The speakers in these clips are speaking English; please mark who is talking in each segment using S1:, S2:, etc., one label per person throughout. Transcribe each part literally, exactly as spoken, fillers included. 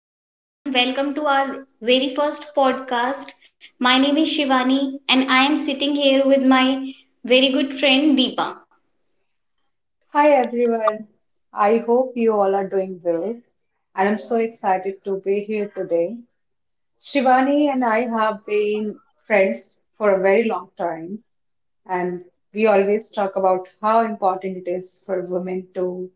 S1: Hello everyone, welcome to our very first podcast. My name is Shivani and I am sitting here with my very good friend Deepa.
S2: Hi everyone. I hope you all are doing well. And I am so excited to be here today. Shivani and I have been friends for a very long time, and we always talk about how important it is for women to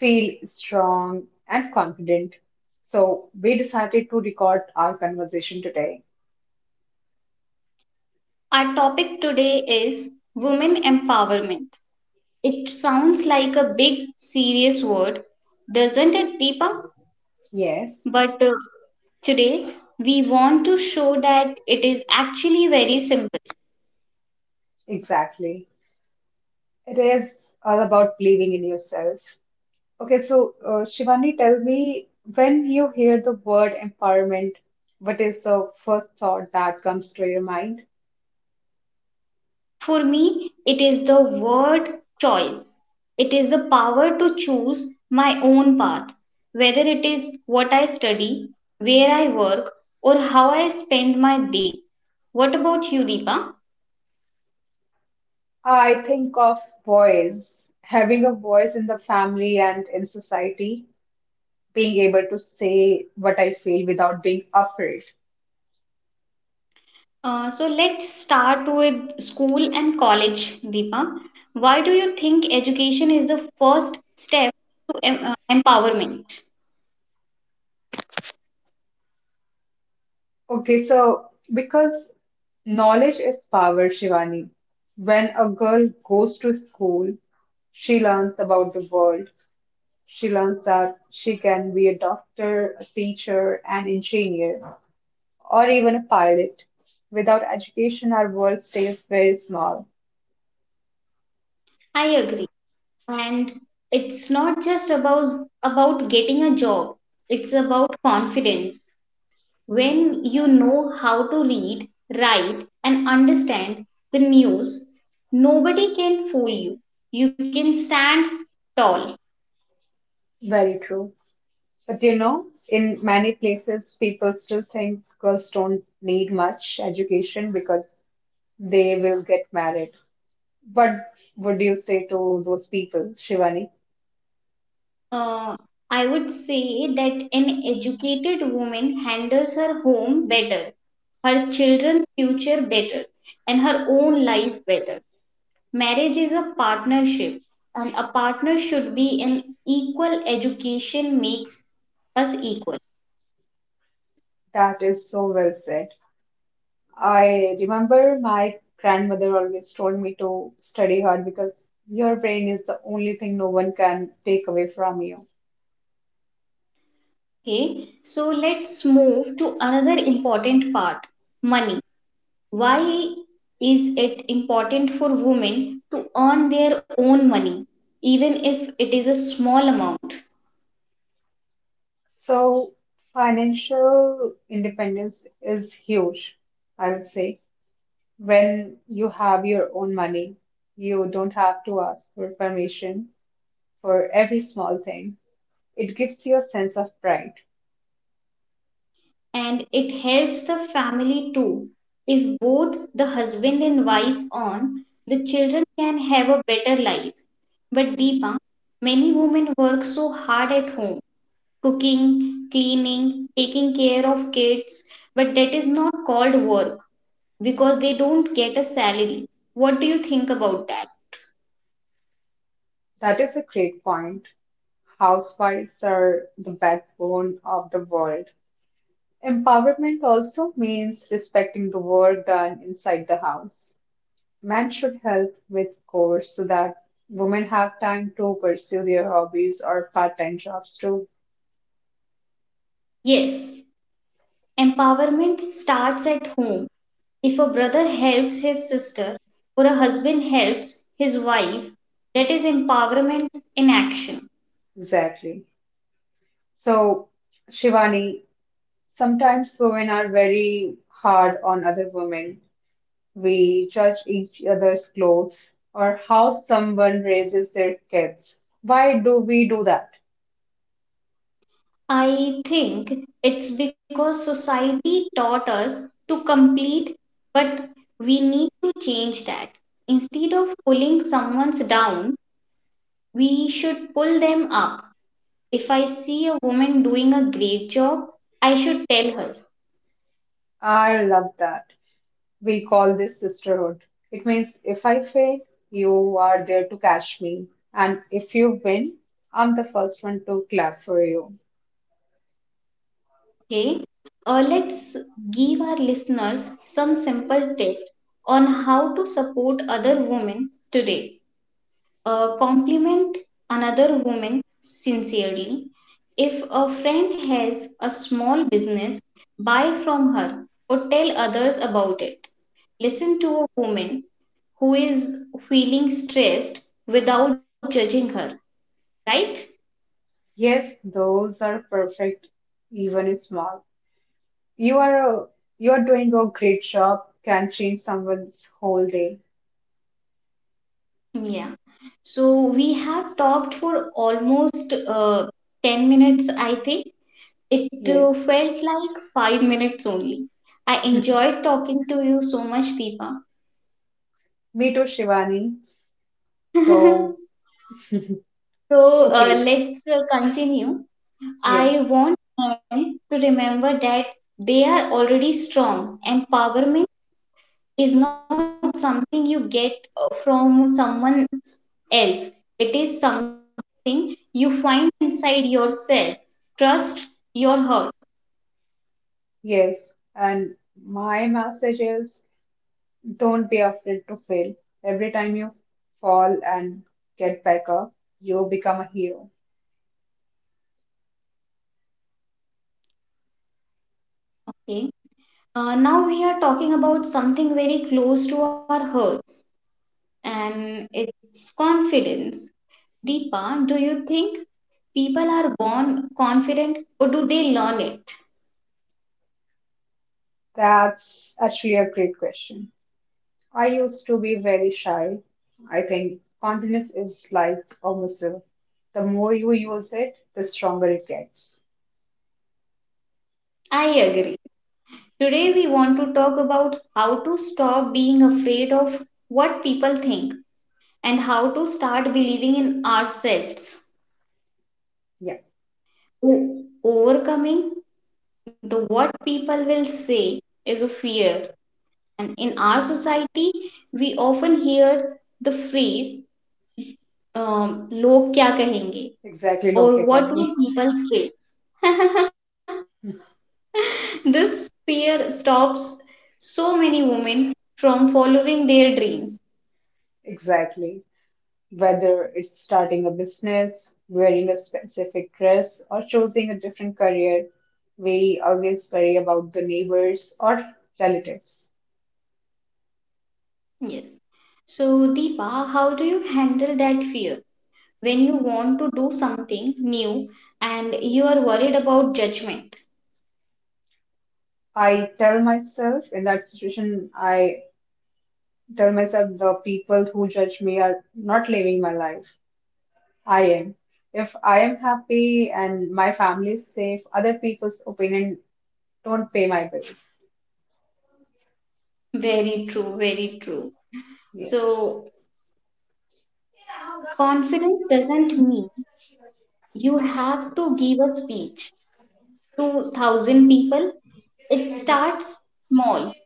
S2: feel strong and confident. So we decided to record our conversation today.
S1: Our topic today is women empowerment. It sounds like a big serious word, doesn't it Deepa?
S2: Yes,
S1: But uh, today we want to show that it is actually very simple.
S2: exactly. It is all about believing in yourself. Okay, so uh, Shivani, tell me, when you hear the word empowerment, what is the first thought that comes to your mind?
S1: For me, it is the word choice. It is the power to choose my own path, whether it is what I study, where I work, or how I spend my day. What about you, Deepa?
S2: I think of voice, having a voice in the family and in society, being able to say what I feel without being afraid.
S1: Uh, so let's start with school and college, Deepa. Why do you think education is the first step to em- uh, empowerment?
S2: Okay, so because knowledge is power, Shivani. When a girl goes to school, she learns about the world. She learns that she can be a doctor, a teacher, an engineer, or even a pilot. Without education, our world stays very small.
S1: I agree. And it's not just about about getting a job. It's about confidence. When you know how to read, write and understand the news, nobody can fool you. You can stand tall.
S2: Very true. But you know, in many places, people still think girls don't need much education because they will get married. What would you say to those people, Shivani?
S1: Uh, i would say that an educated woman handles her home better, her children's future better and her own life better. Marriage is a partnership, and a partner should be an equal. Education makes us equal.
S2: That is so well said. I remember my grandmother always told me to study hard because your brain is the only thing no one can take away from you.
S1: Okay, so let's move to another important part, money. Why is it important for women to earn their own money, even if it is a small amount?
S2: So, financial independence is huge, I would say. When you have your own money, you don't have to ask for permission for every small thing. It gives you a sense of pride.
S1: And it helps the family too. If both the husband and wife earn, the children can have a better life. But Deepa, many women work so hard at home, cooking, cleaning, taking care of kids, but that is not called work because they don't get a salary. What do you think about that?
S2: That is a great point. Housewives are the backbone of the world. Empowerment also means respecting the work done inside the house. Men should help with chores so that women have time to pursue their hobbies or part-time jobs too.
S1: Yes, empowerment starts at home. If a brother helps his sister or a husband helps his wife, that is empowerment in action.
S2: Exactly. So, Shivani, sometimes women are very hard on other women. We judge each other's clothes or how someone raises their kids. Why do we do that?
S1: I think it's because society taught us to complete, but we need to change that. Instead of pulling someone's down, we should pull them up. If I see a woman doing a great job, I should tell her,
S2: I love that. We call this sisterhood. It means if I fail, you are there to catch me. And if you win, I'm the first one to clap for you.
S1: okay? Uh, let's give our listeners some simple tips on how to support other women today. Uh, compliment another woman sincerely. If a friend has a small business, buy from her or tell others about it. Listen to a woman who is feeling stressed without judging her, right?
S2: Yes, those are perfect, even small. You are a, you are doing a great job, can change someone's whole day.
S1: Yeah. So we have talked for almost uh, ten minutes, I think. It uh,
S2: Yes.
S1: felt like five minutes only. I enjoyed talking to you so much,
S2: Me too, Shivani.
S1: Deepa.
S2: So,
S1: So uh,
S2: okay,
S1: let's uh, continue. I
S2: yes,
S1: want men to remember that they are already strong. Empowerment is not something you get uh, from someone else, it is something you find inside yourself. Trust your heart.
S2: yes. And my message is, don't be afraid to fail. Every time you fall and get back up, you become a hero.
S1: Okay. Uh, now we are talking about something very close to our hearts, and it's confidence. Deepa, do you think people are born confident or do they learn it?
S2: That's actually a great question. I used to be very shy. I think confidence is like a muscle. The more you use it, the stronger it gets.
S1: I agree. Today we want to talk about how to stop being afraid of what people think and how to start believing in ourselves.
S2: Yeah,
S1: O- Overcoming the what people will say is a fear. And in our society, we often hear the phrase, um, log kya kahenge,
S2: exactly.
S1: or
S2: Look at
S1: what will people say. This fear stops so many women from following their dreams.
S2: exactly. Whether it's starting a business, wearing a specific dress, or choosing a different career, we always worry about the neighbors or relatives.
S1: Yes. So, Deepa, how do you handle that fear when you want to do something new and you are worried about judgment?
S2: I tell myself in that situation, I tell myself the people who judge me are not living my life. I am. If I am happy and my family is safe, other people's opinion don't pay my bills.
S1: Very true, very true.
S2: Yes.
S1: So, confidence doesn't mean you have to give a speech to one thousand people. It starts small.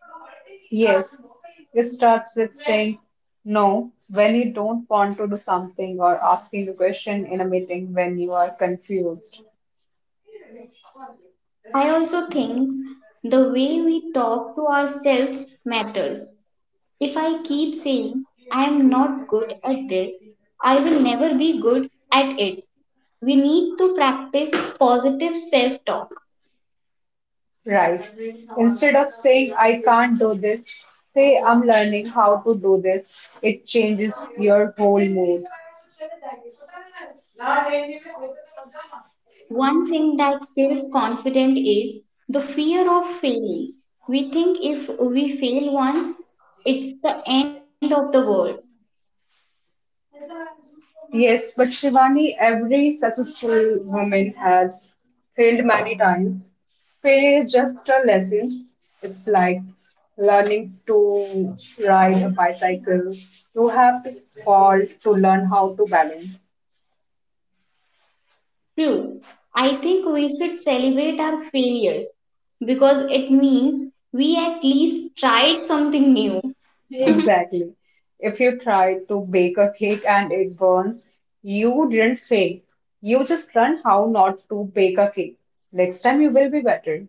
S2: Yes, it starts with saying no when you don't want to do something, or asking a question in a meeting when you are confused.
S1: I also think the way we talk to ourselves matters. If I keep saying I am not good at this, I will never be good at it. We need to practice positive self talk.
S2: Right. Instead of saying, I can't do this, say, I'm learning how to do this. It changes your whole mood.
S1: One thing that kills confidence is the fear of failing. We think if we fail once, it's the end of the world.
S2: Yes, but Shivani, every successful woman has failed many times. Failure is just a lesson. It's like learning to ride a bicycle. You have to fall to learn how to balance.
S1: True. I think we should celebrate our failures because it means we at least tried something new.
S2: Exactly. If you try to bake a cake and it burns, you didn't fail. You just learn how not to bake a cake. Next time you will be better.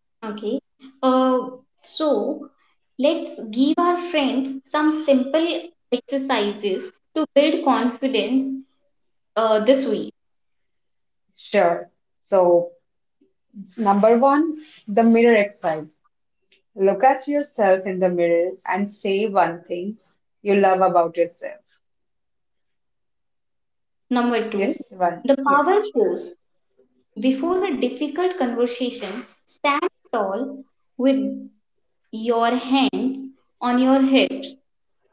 S1: Okay. Uh, so, let's give our friends some simple exercises to build confidence uh, this week.
S2: Sure. So, number one, the mirror exercise. Look at yourself in the mirror and say one thing you love about yourself.
S1: Number two,
S2: Yes, one.
S1: the
S2: Yes.
S1: power pose, before a difficult conversation, stand tall with your hands on your hips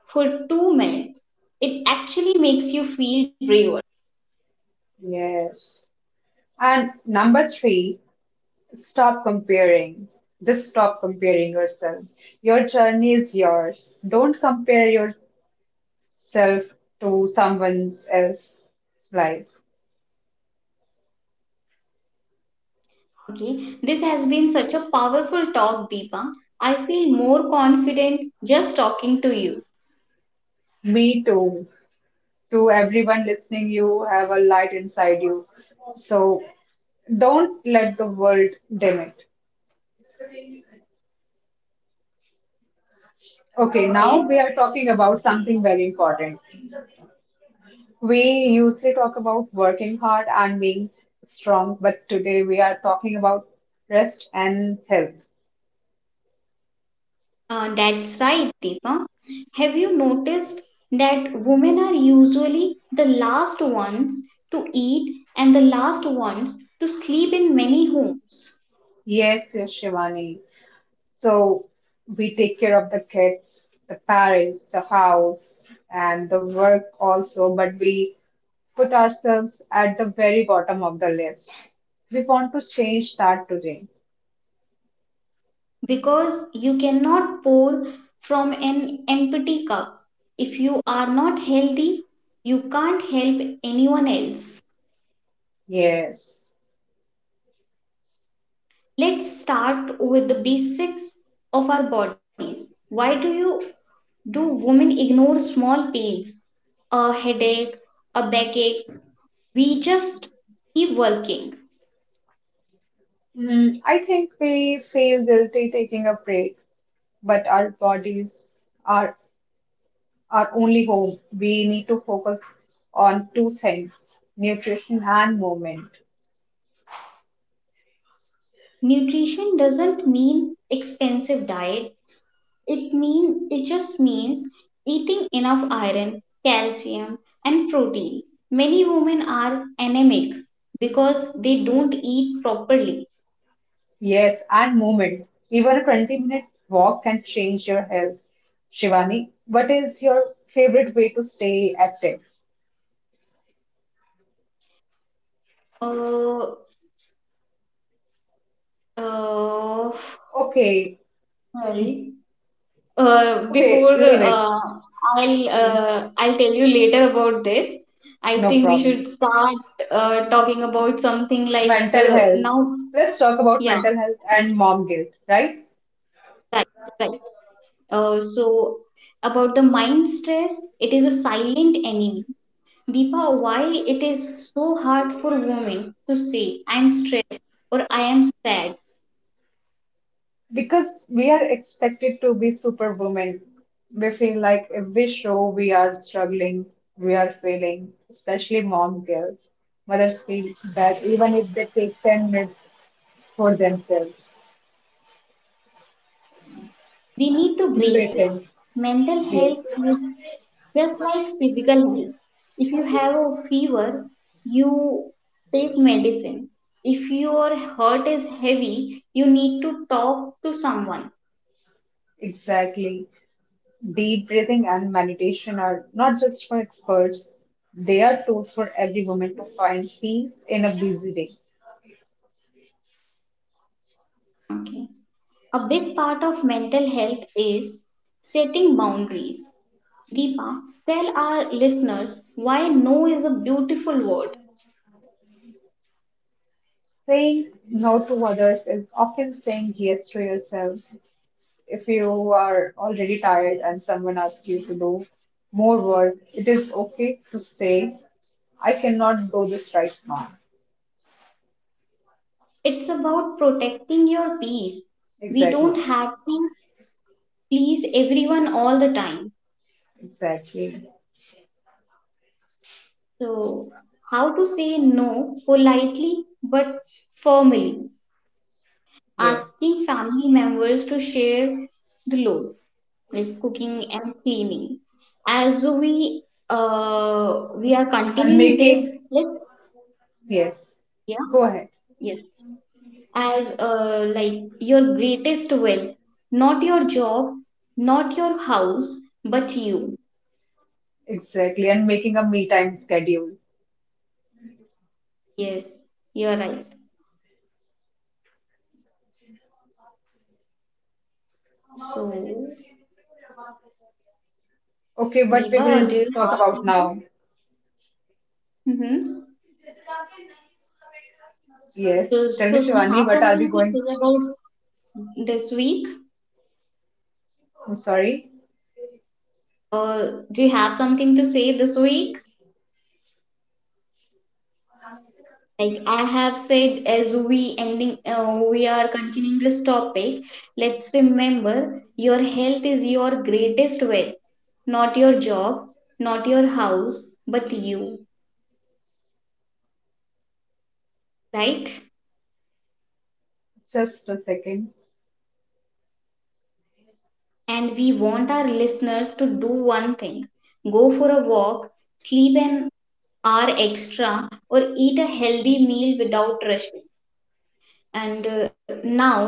S1: for two minutes. It actually makes you feel braver.
S2: Yes. And number three, stop comparing. Just stop comparing yourself. Your journey is yours. Don't compare yourself to someone else's life.
S1: Okay, this has been such a powerful talk, Deepa. I feel more confident just talking to you.
S2: Me too. To everyone listening, you have a light inside you. So don't let the world dim it. Okay, now
S1: Okay.
S2: we are talking about something very important. We usually talk about working hard and being strong, but today we are talking about rest and health.
S1: Uh, that's right, Deepa. Have you noticed that women are usually the last ones to eat and the last ones to sleep in many homes?
S2: Yes, yes, Shivani. So we take care of the kids, the parents, the house, and the work also, but we put ourselves at the very bottom of the list. We want to change that today.
S1: Because you cannot pour from an empty cup. If you are not healthy, you can't help anyone else.
S2: Yes.
S1: Let's start with the basics of our bodies. Why do you do women ignore small pains? A headache, a backache, we just keep working.
S2: Mm, I think we feel guilty taking a break, but our bodies are our only home. We need to focus on two things: nutrition and movement.
S1: Nutrition doesn't mean expensive diets. It mean it just means eating enough iron, calcium and protein. Many women are anemic because they don't eat properly.
S2: Yes, and movement. Even a twenty minute walk can change your health. Shivani, what is your favorite way to stay active?
S1: Uh, uh,
S2: Okay,
S1: Sorry. Uh,
S2: okay,
S1: before
S2: leave it.
S1: uh, I'll
S2: Okay,
S1: uh, I'll tell you later about this. I
S2: no
S1: think we
S2: problem.
S1: should start uh, talking about something like
S2: Mental
S1: uh,
S2: health.
S1: now.
S2: Let's talk about
S1: Yeah,
S2: mental health and
S1: yes,
S2: mom guilt, right?
S1: right, right. Uh, so about the mind stress, it is a silent enemy. Deepa, why it is so hard for women to say I'm stressed or I am sad?
S2: Because we are expected to be superwoman, we feel like if we show we are struggling, we are failing, especially mom guilt. Mothers feel bad even if they take ten minutes for themselves.
S1: We need to break this.
S2: Breathing.
S1: Mental health is
S2: Yes,
S1: just like physical health. If you have a fever, you take medicine. If your heart is heavy, you need to talk to someone.
S2: exactly. Deep breathing and meditation are not just for experts, they are tools for every woman to find peace in a busy day.
S1: Okay. A big part of mental health is setting boundaries. Deepa, tell our listeners why no is a beautiful word.
S2: Saying no to others is often saying yes to yourself. If you are already tired and someone asks you to do more work, it is okay to say, I cannot do this right now.
S1: It's about protecting your peace. We
S2: Exactly.
S1: don't have to please everyone all the time.
S2: Exactly.
S1: So, how to say no politely but firmly,
S2: Yes.
S1: asking family members to share the load, like cooking and cleaning. As we uh, we are
S2: And
S1: continuing this,
S2: making,
S1: let
S2: yes.
S1: yeah
S2: Go ahead.
S1: yes as uh, like your greatest wealth, not your job, not your house, but you.
S2: Exactly. And making a me time schedule.
S1: Yes, you're right. So,
S2: Okay, what
S1: Deepa,
S2: we
S1: do you
S2: will
S1: have
S2: talk about
S1: something?
S2: now.
S1: Mm-hmm. So,
S2: Yes. Tell
S1: so
S2: me,
S1: do you have
S2: Shivani, what are
S1: something
S2: we
S1: to
S2: going?
S1: say about this week?
S2: I'm sorry.
S1: Uh, do you have something to say this week? Like I have said, as we ending, uh, we are continuing this topic. Let's remember, your health is your greatest wealth, not your job, not your house, but you, right?
S2: Just a second.
S1: And we want our listeners to do one thing: go for a walk, sleep an hour extra, or eat a healthy meal without rushing. And uh, now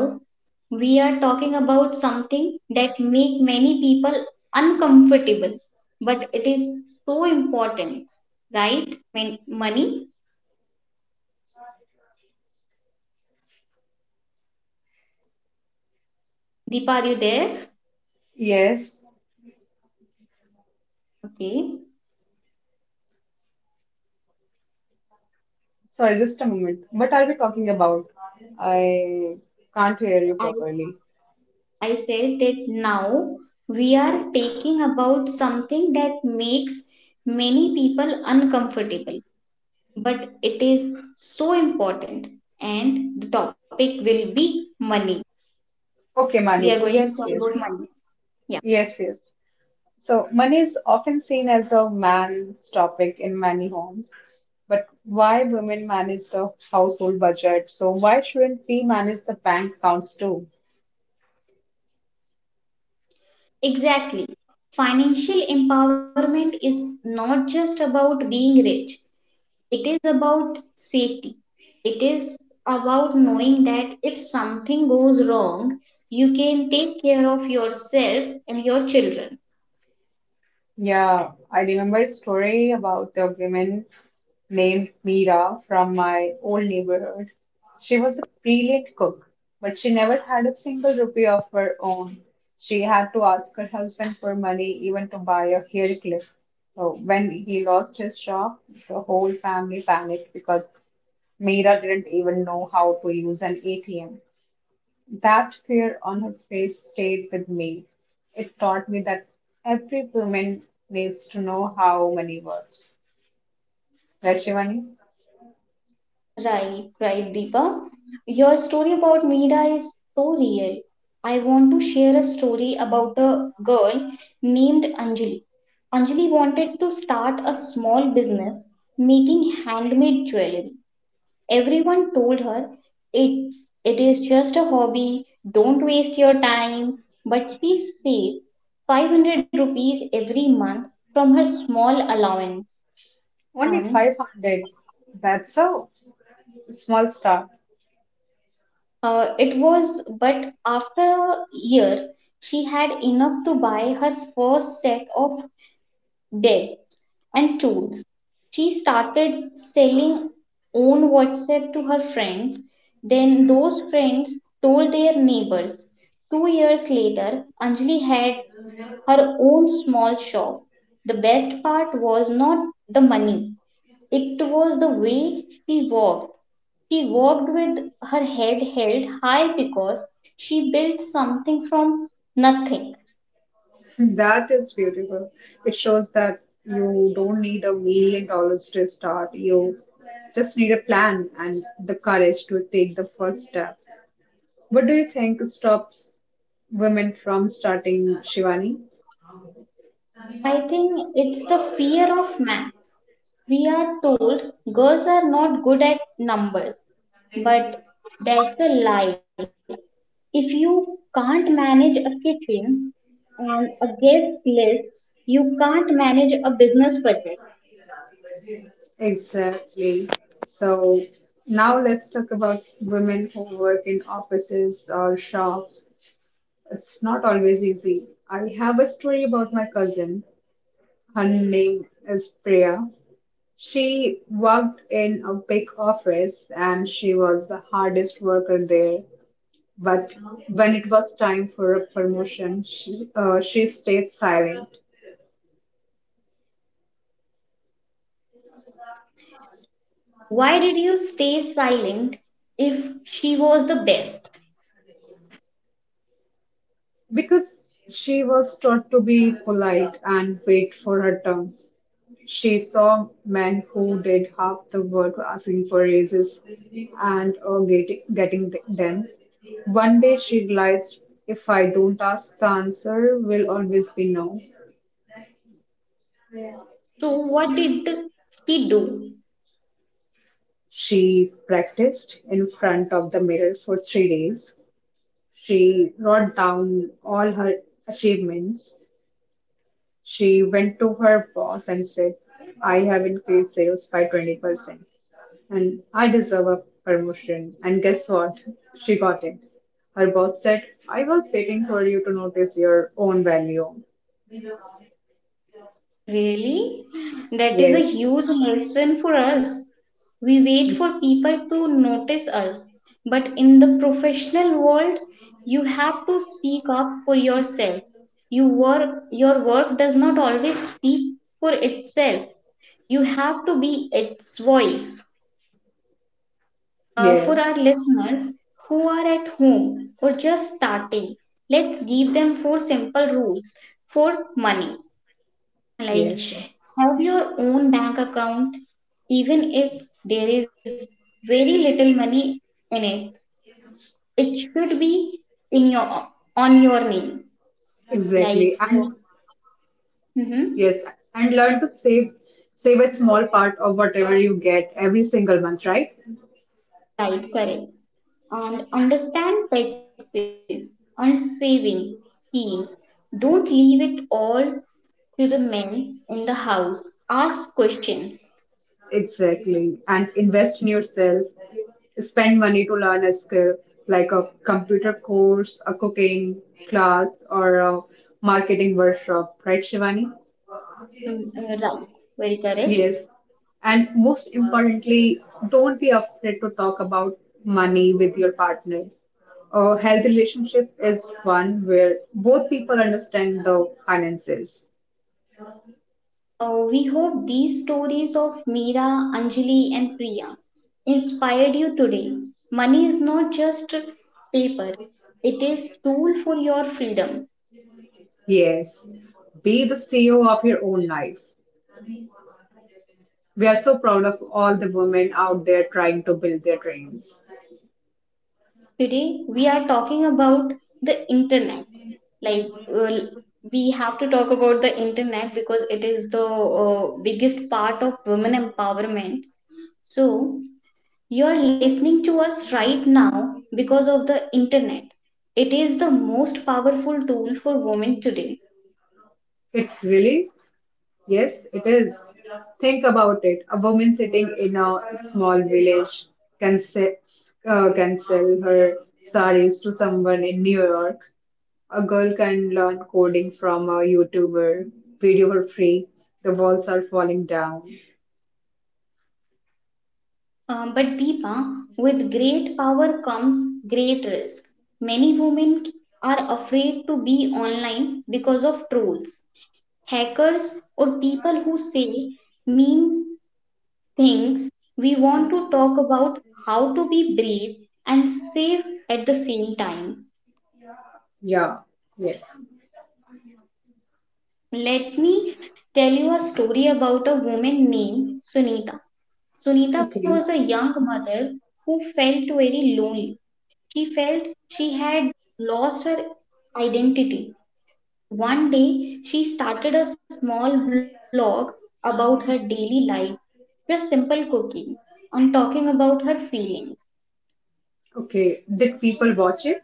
S1: we are talking about something that make many people uncomfortable, but it is so important, right? When money, deepa, are you there?
S2: Yes.
S1: Okay,
S2: Sorry, just a moment. What are we talking about? I can't hear you
S1: as
S2: properly.
S1: I said, that now we are taking about something that makes many people uncomfortable, but it is so important, and the topic will be money.
S2: Okay,
S1: We are
S2: money.
S1: going to talk
S2: Yes,
S1: about
S2: yes.
S1: money, yeah.
S2: Yes, yes. So, money is often seen as a man's topic in many homes. But why women manage the household budget? So, why shouldn't we manage the bank accounts too?
S1: Exactly. Financial empowerment is not just about being rich, it is about safety. It is about knowing that if something goes wrong, you can take care of yourself and your children.
S2: Yeah, I remember a story about the women named Mira from my old neighborhood. She was a brilliant cook, but she never had a single rupee of her own. She had to ask her husband for money even to buy a hair clip. So when he lost his job, the whole family panicked because Mira didn't even know how to use an A T M. That fear on her face stayed with me. It taught me that every woman needs to know how money works. Right, Shivani?
S1: Right, right, Deepa. Your story about Meera is so real. I want to share a story about a girl named Anjali. Anjali wanted to start a small business making handmade jewelry. Everyone told her it, it is just a hobby, don't waste your time. But she saved five hundred rupees every month from her small allowance.
S2: Only
S1: And
S2: five hundred. That's a small start.
S1: uh, it was, but after a year, she had enough to buy her first set of dead and tools. She started selling on WhatsApp to her friends. Then those friends told their neighbors. Two years later, Anjali had her own small shop. The best part was not the money, it was the way she walked. She walked with her head held high because she built something from nothing.
S2: That is beautiful. It shows that you don't need a million dollars to start. You just need a plan and the courage to take the first step. What do you think stops women from starting, Shivani?
S1: I think it's the fear of man. We are told girls are not good at numbers, but that's a lie. If you can't manage a kitchen and a guest list, you can't manage a business project.
S2: Exactly. So now let's talk about women who work in offices or shops. It's not always easy. I have a story about my cousin. Her name is Priya. She worked in a big office and she was the hardest worker there. But when it was time for a promotion, she, uh, she stayed silent
S1: Why did you stay silent if she was the best?
S2: because she was taught to be polite and wait for her turn. She saw men who did half the work asking for raises and uh, getting, getting th- them. One day she realized, if I don't ask, the answer will always be no.
S1: So, what did she do?
S2: She practiced in front of the mirror for three days. She wrote down all her achievements. She went to her boss and said, I have increased sales by twenty percent, and I deserve a promotion. And guess what? She got it. Her boss said, I was waiting for you to notice your own value.
S1: Really? That is a
S2: Yes,
S1: huge lesson for us. We wait for people to notice us. But in the professional world, you have to speak up for yourself. You work, your work does not always speak for itself. You have to be its voice. Uh, for our
S2: yes,
S1: listeners who are at home or just starting, let's give them four simple rules for money, like
S2: yes, sure.
S1: have your own bank account, even if there is very little money in it, it should be in your, on your name,
S2: Exactly.
S1: like uh,
S2: And
S1: mhm,
S2: yes, and learn to save, save a small part of whatever you get every single month, right?
S1: right, correct, and understand taxes and saving schemes, don't leave it all to the men in the house, ask questions.
S2: Exactly. And invest in yourself. Spend money to learn a skill, like a computer course, a cooking class, or a marketing workshop, right, Shivani?
S1: Mm, uh, right, very correct.
S2: Yes. And most importantly, don't be afraid to talk about money with your partner. A healthy relationship is one where both people understand the finances.
S1: Uh, we hope these stories of Meera, Anjali, and Priya inspired you today. Money is not just paper, it is tool for your freedom.
S2: Yes. Be the C E O of your own life. We are so proud of all the women out there trying to build their dreams.
S1: Today we are talking about the internet. Like uh, we have to talk about the internet because it is the uh, biggest part of women empowerment. So you are listening to us right now because of the internet. It is the most powerful tool for women today.
S2: It really Yes, it is. Think about it. A woman sitting in a small village can, se- uh, can sell her sarees to someone in New York. A girl can learn coding from a YouTuber, video for free. The walls are falling down.
S1: Um, but Deepa, with great power comes great risk. Many women are afraid to be online because of trolls, hackers, or people who say mean things. We want to talk about how to be brave and safe at the same time.
S2: Yeah, yeah.
S1: Let me tell you a story about a woman named Sunita. Sunita was a
S2: Okay,
S1: young mother who felt very lonely. She felt she had lost her identity. One day, she started a small vlog about her daily life, just simple cooking, and talking about her feelings.
S2: okay. Did people watch it?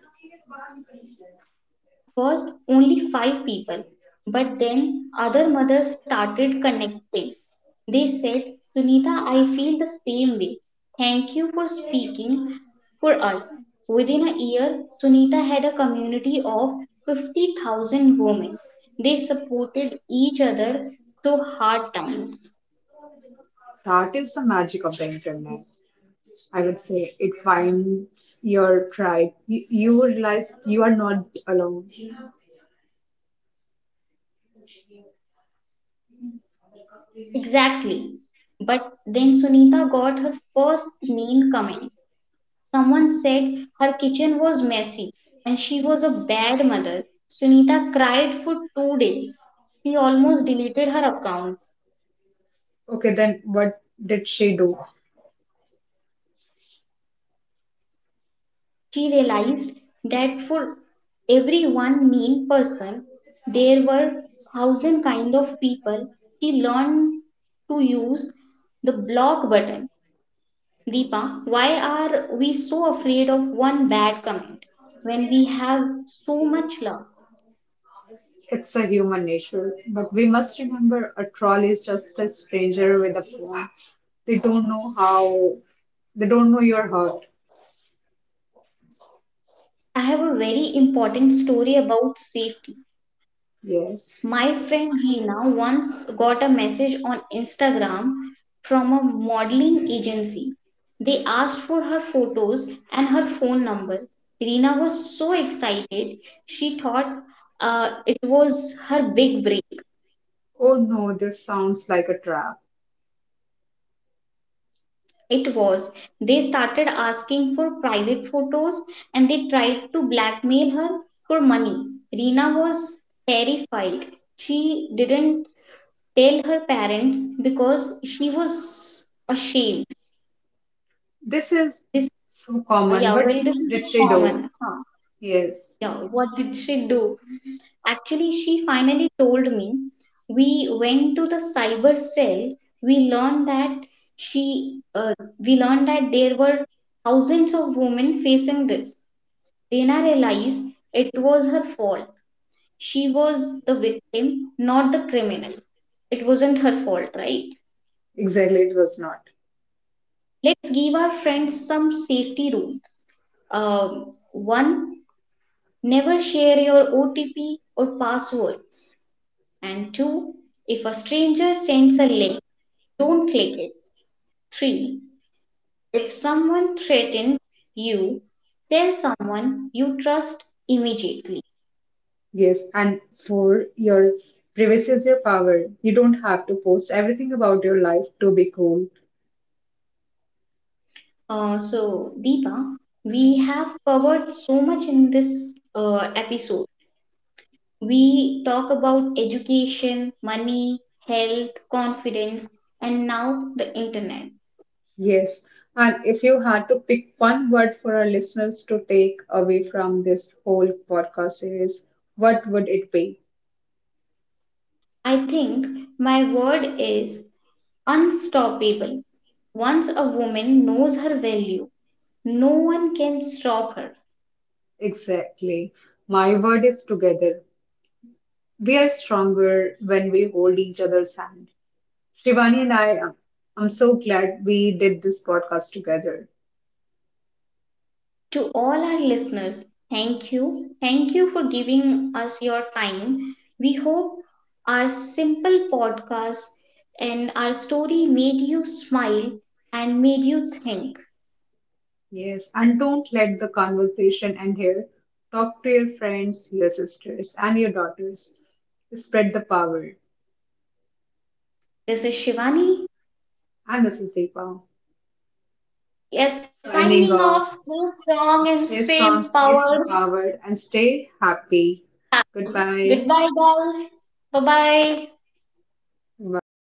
S1: First only five people, but then other mothers started connecting. They said, Sunita, I feel the same way. Thank you for speaking for us. Within a year, Sunita had a community of fifty thousand women. They supported each other through hard times.
S2: That is the magic of the internet. I would say it finds your tribe. You, you realize you are not alone.
S1: Exactly. But then Sunita got her first mean comment. Someone said her kitchen was messy and she was a bad mother. Sunita cried for two days. She almost deleted her account.
S2: Okay, then what did she do?
S1: She realized that for every one mean person, there were thousand kind of people. She learned to use the block button. Deepa, why are we so afraid of one bad comment when we have so much love?
S2: It's a human nature. But we must remember, a troll is just a stranger with a phone. They don't know how, they don't know your heart.
S1: I have a very important story about safety.
S2: Yes.
S1: My friend Reena once got a message on Instagram from a modeling agency. They asked for her photos and her phone number. Reena was so excited. She thought uh, it was her big break.
S2: Oh no, this sounds like a trap.
S1: It was. They started asking for private photos and they tried to blackmail her for money. Reena was terrified. She didn't tell her parents because she was ashamed.
S2: This is
S1: This,
S2: so common.
S1: yeah,
S2: What
S1: well, this is
S2: did
S1: a
S2: she do?
S1: common. Huh?
S2: Yes,
S1: Yeah, what did she do? Actually, she finally told me. We went to the cyber cell. We learned that she, uh, we learned that there were thousands of women facing this. Dana realized it was her fault. She was the victim, not the criminal. It wasn't her fault, right?
S2: exactly. It was not.
S1: Let's give our friends some safety rules. Um, One, never share your O T P or passwords. And two, if a stranger sends a link, don't click it. Three, if someone threatens you, tell someone you trust immediately.
S2: Yes, and for your privacy is your power. You don't have to post everything about your life to be cool.
S1: Uh, so, Deepa, we have covered so much in this uh, episode. We talk about education, money, health, confidence, and now the internet.
S2: Yes, and if you had to pick one word for our listeners to take away from this whole podcast series, what would it be?
S1: I think my word is unstoppable. Once a woman knows her value, no one can stop her.
S2: Exactly. My word is together. We are stronger when we hold each other's hand. Shivani and I, I'm so glad we did this podcast together.
S1: To all our listeners, thank you. Thank you for giving us your time. We hope our simple podcast and our story made you smile and made you think.
S2: Yes, and don't let the conversation end here. Talk to your friends, your sisters, and your daughters. Spread the power.
S1: This is Shivani.
S2: And this is Deepa,
S1: Yes,
S2: signing
S1: signing off.
S2: off.
S1: Stay strong and
S2: Stay
S1: stay
S2: strong, stay
S1: empowered.
S2: empowered, and stay happy. Goodbye.
S1: Goodbye, guys. Bye bye.
S2: Bye.